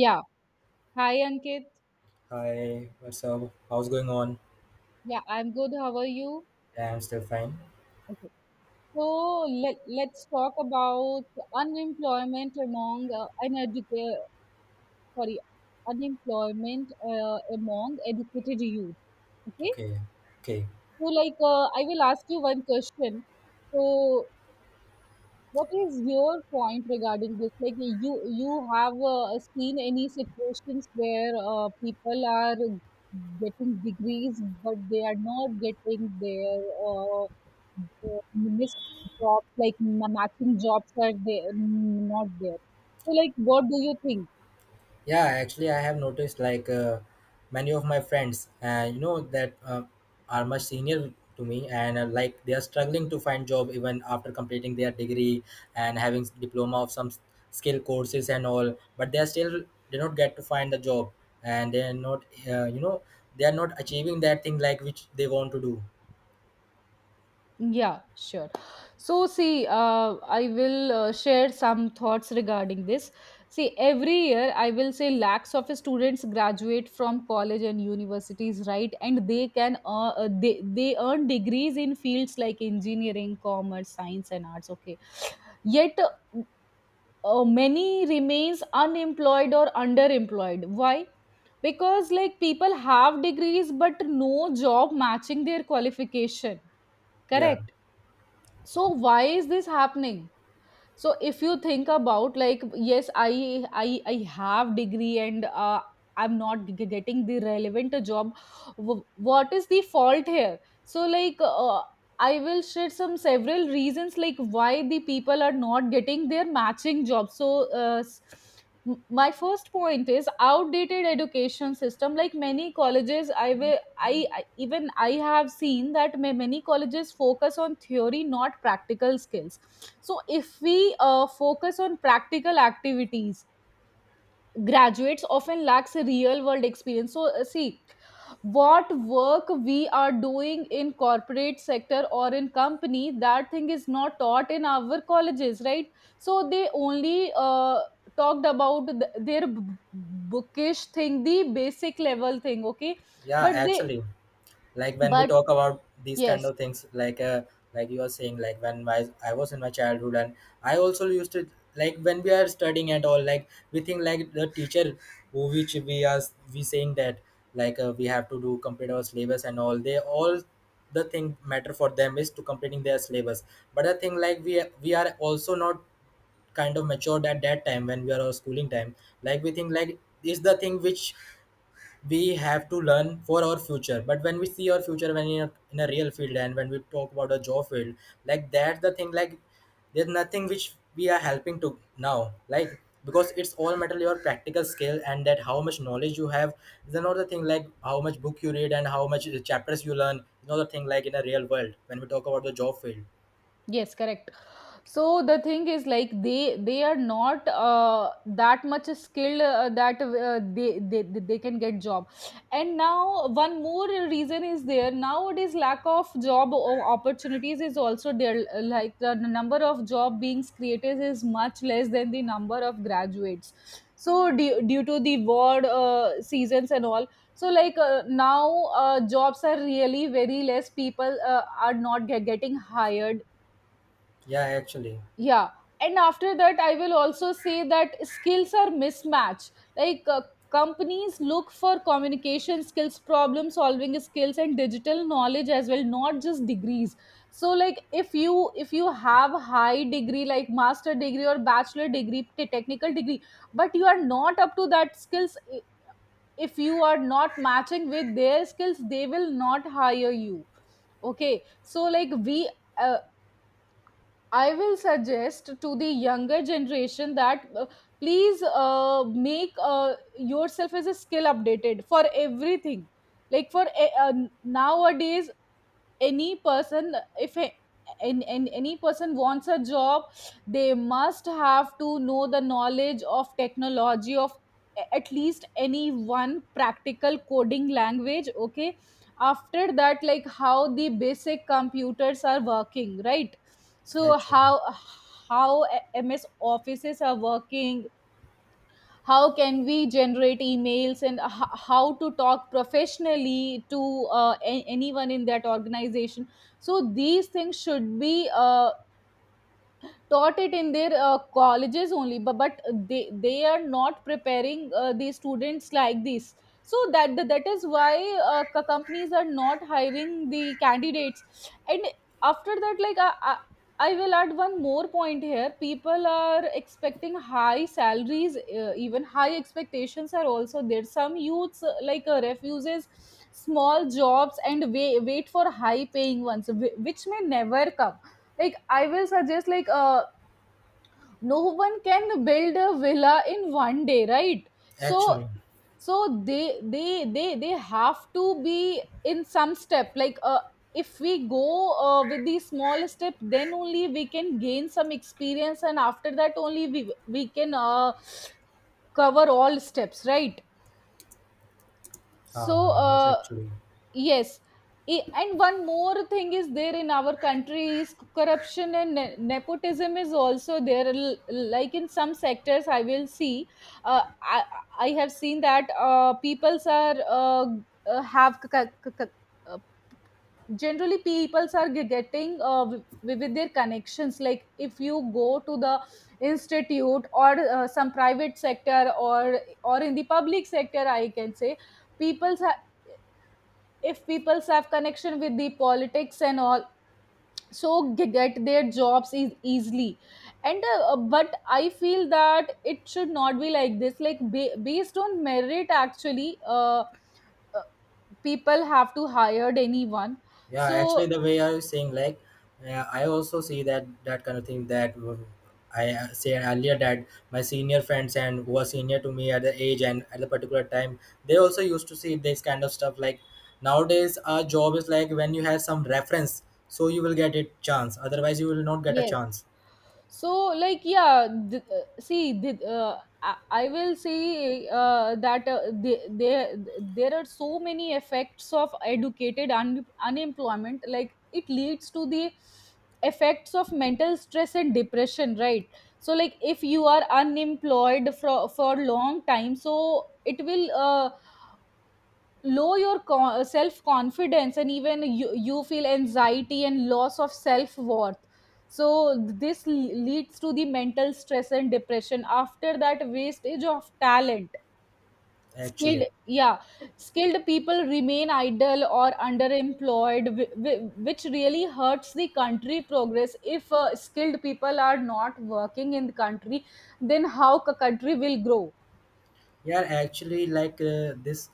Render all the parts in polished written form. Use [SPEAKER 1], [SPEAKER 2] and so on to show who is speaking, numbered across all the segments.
[SPEAKER 1] Yeah. Hi, Ankit.
[SPEAKER 2] Hi, what's up? How's going on?
[SPEAKER 1] Yeah, I'm good. How are you?
[SPEAKER 2] Yeah, I'm still fine.
[SPEAKER 1] Okay. So let's talk about unemployment among uneducated, sorry, unemployment among educated youth. Okay.
[SPEAKER 2] Okay, okay.
[SPEAKER 1] So, like, I will ask you one question. So, what is your point regarding this? Like, you have seen any situations where people are getting degrees, but they are not getting their uh, missed jobs, like matching jobs, are they not there? So, like, what do you think?
[SPEAKER 2] Yeah, actually, I have noticed like many of my friends, that are much senior to me, and like they are struggling to find job even after completing their degree and having diploma of some skill courses and all, but they are still they not get to find the job, and they are not, they are not achieving that thing like which they want to do.
[SPEAKER 1] Yeah, sure. So, see, I will share some thoughts regarding this. See, every year I will say lakhs of students graduate from college and universities, right? And they can they earn degrees in fields like engineering, commerce, science, and arts. Okay, yet many remains unemployed or underemployed. Why? Because, like, people have degrees but no job matching their qualification.
[SPEAKER 2] Yeah,
[SPEAKER 1] Correct, so why is this happening? So if you think about, like, yes, I have degree and I'm not getting the relevant job. What is the fault here? So, like, I will share some several reasons like why the people are not getting their matching jobs. So uh, s- my first point is outdated education system. Like, many colleges, I will I even I have seen that many colleges focus on theory, not practical skills. So if we focus on practical activities, graduates often lacks a real world experience. So, see what work we are doing in corporate sector or in company, that thing is not taught in our colleges, right? So they only talked about their bookish thing, the basic level thing. Okay,
[SPEAKER 2] yeah,
[SPEAKER 1] but they
[SPEAKER 2] actually. Like when we
[SPEAKER 1] but
[SPEAKER 2] talk about these kind
[SPEAKER 1] yes.
[SPEAKER 2] of things like you are saying, like when my I was in my childhood and I also used to, like when we are studying at all, like we think like the teacher who which we are we saying that like we have to do complete our syllabus and all, they all the thing matter for them is to completing their syllabus. But I think like we are also not kind of matured at that time when we are our schooling time, like we think like is the thing which we have to learn for our future. But when we see our future when in a real field and when we talk about a job field, like that's the thing, like there's nothing which we are helping to now, like because it's all matter your practical skill and that how much knowledge you have is another thing, like how much book you read and how much chapters you learn is another thing, like in a real world when we talk about the job field.
[SPEAKER 1] Yes, correct. So the thing is, like, they are not that much skilled that they can get job. And now one more reason is there: nowadays lack of job opportunities is also there, like the number of job beings created is much less than the number of graduates. So due to the word seasons and all, so, like, now, jobs are really very less, people are not getting hired.
[SPEAKER 2] Yeah, actually.
[SPEAKER 1] Yeah. And after that, I will also say that skills are mismatched. Like, companies look for communication skills, problem solving skills, and digital knowledge as well, not just degrees. So, like, if you have high degree like master degree or bachelor degree, technical degree, but you are not up to that skills. If you are not matching with their skills, they will not hire you. Okay, so, like, we uh, I will suggest to the younger generation that please make yourself as a skill updated for everything. Like, for nowadays, any person, if any person wants a job, they must have to know the knowledge of technology, of at least any one practical coding language. Okay, after that, like, how the basic computers are working, right? So
[SPEAKER 2] actually
[SPEAKER 1] how MS offices are working, how can we generate emails, and how to talk professionally to anyone in that organization. So these things should be taught it in their colleges only, but they are not preparing the students like this. So that is why companies are not hiring the candidates. And after that, like, I will add one more point here. People are expecting high salaries, even high expectations are also there. Some youths like refuses small jobs and wait for high paying ones, which may never come. Like, I will suggest, like, no one can build a villa in one day, right? so
[SPEAKER 2] actually
[SPEAKER 1] so they have to be in some step, like, if we go with the small step, then only we can gain some experience, and after that only we can cover all steps, right? So,
[SPEAKER 2] yes, actually.
[SPEAKER 1] yes. And one more thing is there in our country is corruption and nepotism is also there. Like, in some sectors, uh, I, I have seen that peoples are have c- c- c- uh, generally peoples are getting with their connections. Like, if you go to the institute, or some private sector, or in the public sector, I can say, people, if people have connection with the politics and all, so get their jobs is easily. And but I feel that it should not be like this, like based on merit actually. Uh, People have to hire anyone.
[SPEAKER 2] Yeah, actually,
[SPEAKER 1] So,
[SPEAKER 2] the way I was saying, like, I also see that kind of thing that I said earlier, that my senior friends and who were senior to me at the age and at the particular time, they also used to see this kind of stuff. Like nowadays, our job is like when you have some reference, so you will get a chance. Otherwise, you will not get a
[SPEAKER 1] yes.
[SPEAKER 2] chance.
[SPEAKER 1] So, like, yeah, see, I will say that there are so many effects of educated unemployment. Like, it leads to the effects of mental stress and depression, right? So, like, if you are unemployed for long time, so it will low your self confidence, and even you feel anxiety and loss of self worth. So this leads to the mental stress and depression. After that, wastage of talent. Skilled,
[SPEAKER 2] Actually.
[SPEAKER 1] yeah, skilled people remain idle or underemployed, which really hurts the country progress. If skilled people are not working in the country, then how a country will grow?
[SPEAKER 2] Yeah, actually, like this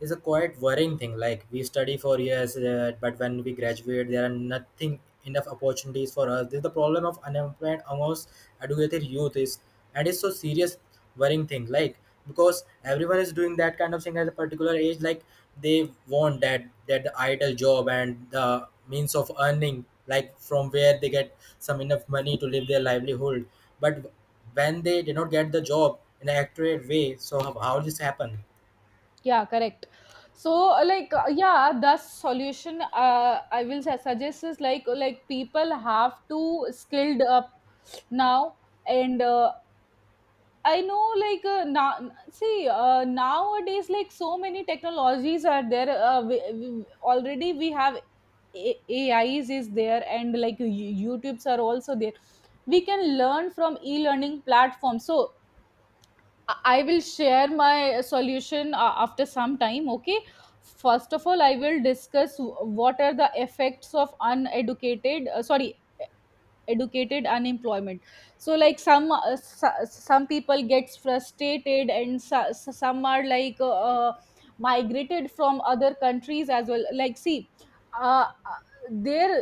[SPEAKER 2] is a quite worrying thing. Like we study for years, but when we graduate, there are nothing enough opportunities for us. This is the problem of unemployment amongst educated youth is, and it's so serious worrying thing. Like because everyone is doing that kind of thing at a particular age. Like they want that that the ideal job and the means of earning, like from where they get some enough money to live their livelihood. But when they did not get the job in an accurate way, so how this happen?
[SPEAKER 1] Yeah, correct. So, like, yeah, the solution I will suggest is, like people have to skilled up now, and I know, like, now see, nowadays, like, so many technologies are there. We have A- AIs is there, and like, YouTubes are also there. We can learn from e-learning platforms. So I will share my solution after some time, okay? First of all, I will discuss what are the effects of uneducated, sorry, educated unemployment. So, like, some people gets frustrated, and some are like migrated from other countries as well. Like, see, uh, uh, there,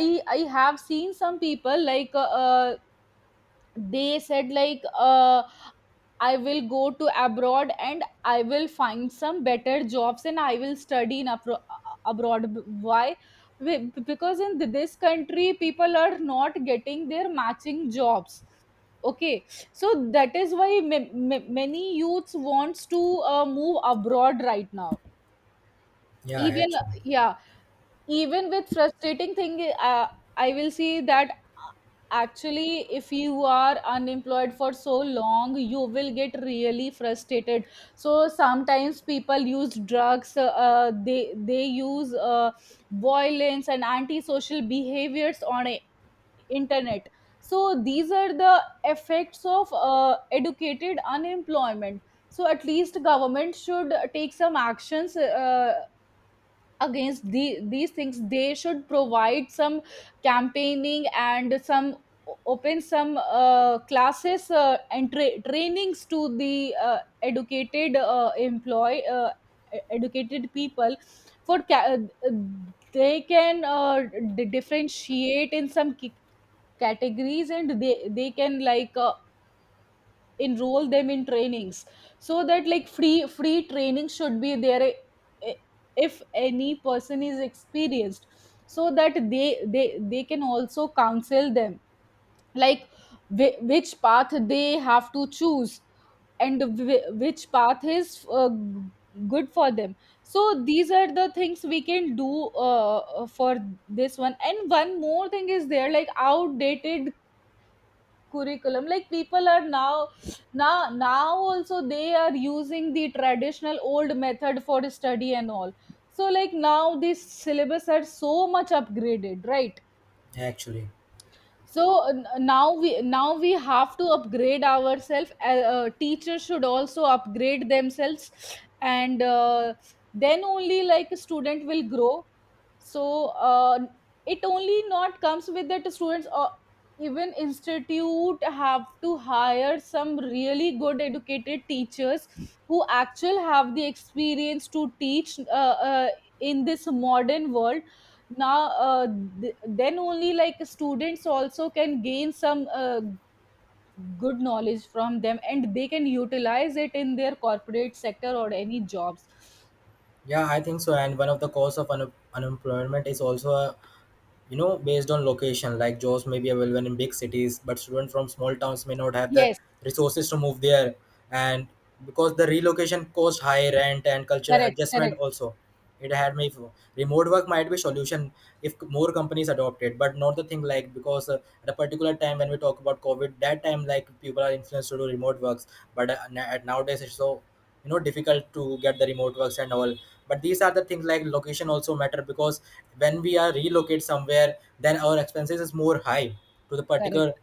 [SPEAKER 1] I have seen some people like they said, like, I will go to abroad, and I will find some better jobs, and I will study in abroad. Why? Because in this country people are not getting their matching jobs. Okay, so that is why many youths wants to move abroad right now.
[SPEAKER 2] Yeah,
[SPEAKER 1] Even,
[SPEAKER 2] actually.
[SPEAKER 1] yeah, even with frustrating thing, I will see that, actually, if you are unemployed for so long, you will get really frustrated. So sometimes people use drugs, they use violence and antisocial behaviors on a internet. So these are the effects of educated unemployment. So at least government should take some actions against these things. They should provide some campaigning and some, open some classes, and trainings to the educated people. for ca- uh, they can differentiate in some categories, and they can, like, enroll them in trainings. So that, like, free training should be there. Eh, if any person is experienced, so that they can also counsel them, like which path they have to choose, and which path is good for them. So these are the things we can do, for this one. And one more thing is there, like outdated curriculum. Like, people are now also, they are using the traditional old method for study and all. So, like, now these syllabus are so much upgraded, right?
[SPEAKER 2] actually
[SPEAKER 1] So now we have to upgrade ourselves. Teachers should also upgrade themselves, and then only, like, a student will grow. So, it only not comes with that students, or even institute have to hire some really good educated teachers who actually have the experience to teach in this modern world now. Then only, like, students also can gain some good knowledge from them, and they can utilize it in their corporate sector or any jobs.
[SPEAKER 2] yeah, I think so. And one of the cause of unemployment is also a, based on location, like jobs may be available in big cities but students from small towns may not have the
[SPEAKER 1] Yes.
[SPEAKER 2] resources to move there, and because the relocation cost, high rent, and cultural
[SPEAKER 1] Correct,
[SPEAKER 2] adjustment
[SPEAKER 1] correct,
[SPEAKER 2] also, it had me remote work might be solution if more companies adopt it. But not the thing, like because at a particular time when we talk about COVID, that time, like people are influenced to do remote works. But nowadays it's so, difficult to get the remote works and all. But these are the things like location also matter, because when we are relocate somewhere then our expenses is more high to the particular,
[SPEAKER 1] correct.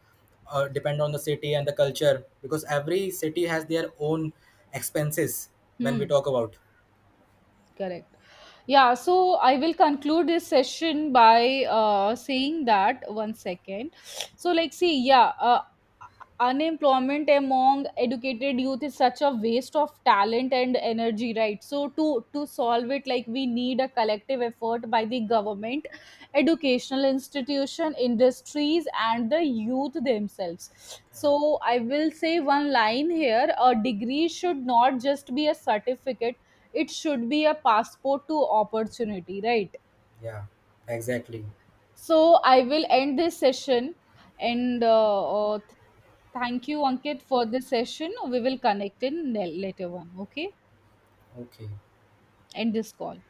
[SPEAKER 2] depend on the city and the culture, because every city has their own expenses. When we
[SPEAKER 1] Hmm.
[SPEAKER 2] talk about,
[SPEAKER 1] Correct. Yeah, so I will conclude this session by saying that, one second. So, like, see, yeah, unemployment among educated youth is such a waste of talent and energy, right? So, to solve it, like, we need a collective effort by the government, educational institution, industries, and the youth themselves. So, I will say one line here: a degree should not just be a certificate, it should be a passport to opportunity, right?
[SPEAKER 2] yeah, exactly.
[SPEAKER 1] So I will end this session, and thank you, Ankit, for this session. We will connect in later one. Okay,
[SPEAKER 2] Okay.
[SPEAKER 1] end this call.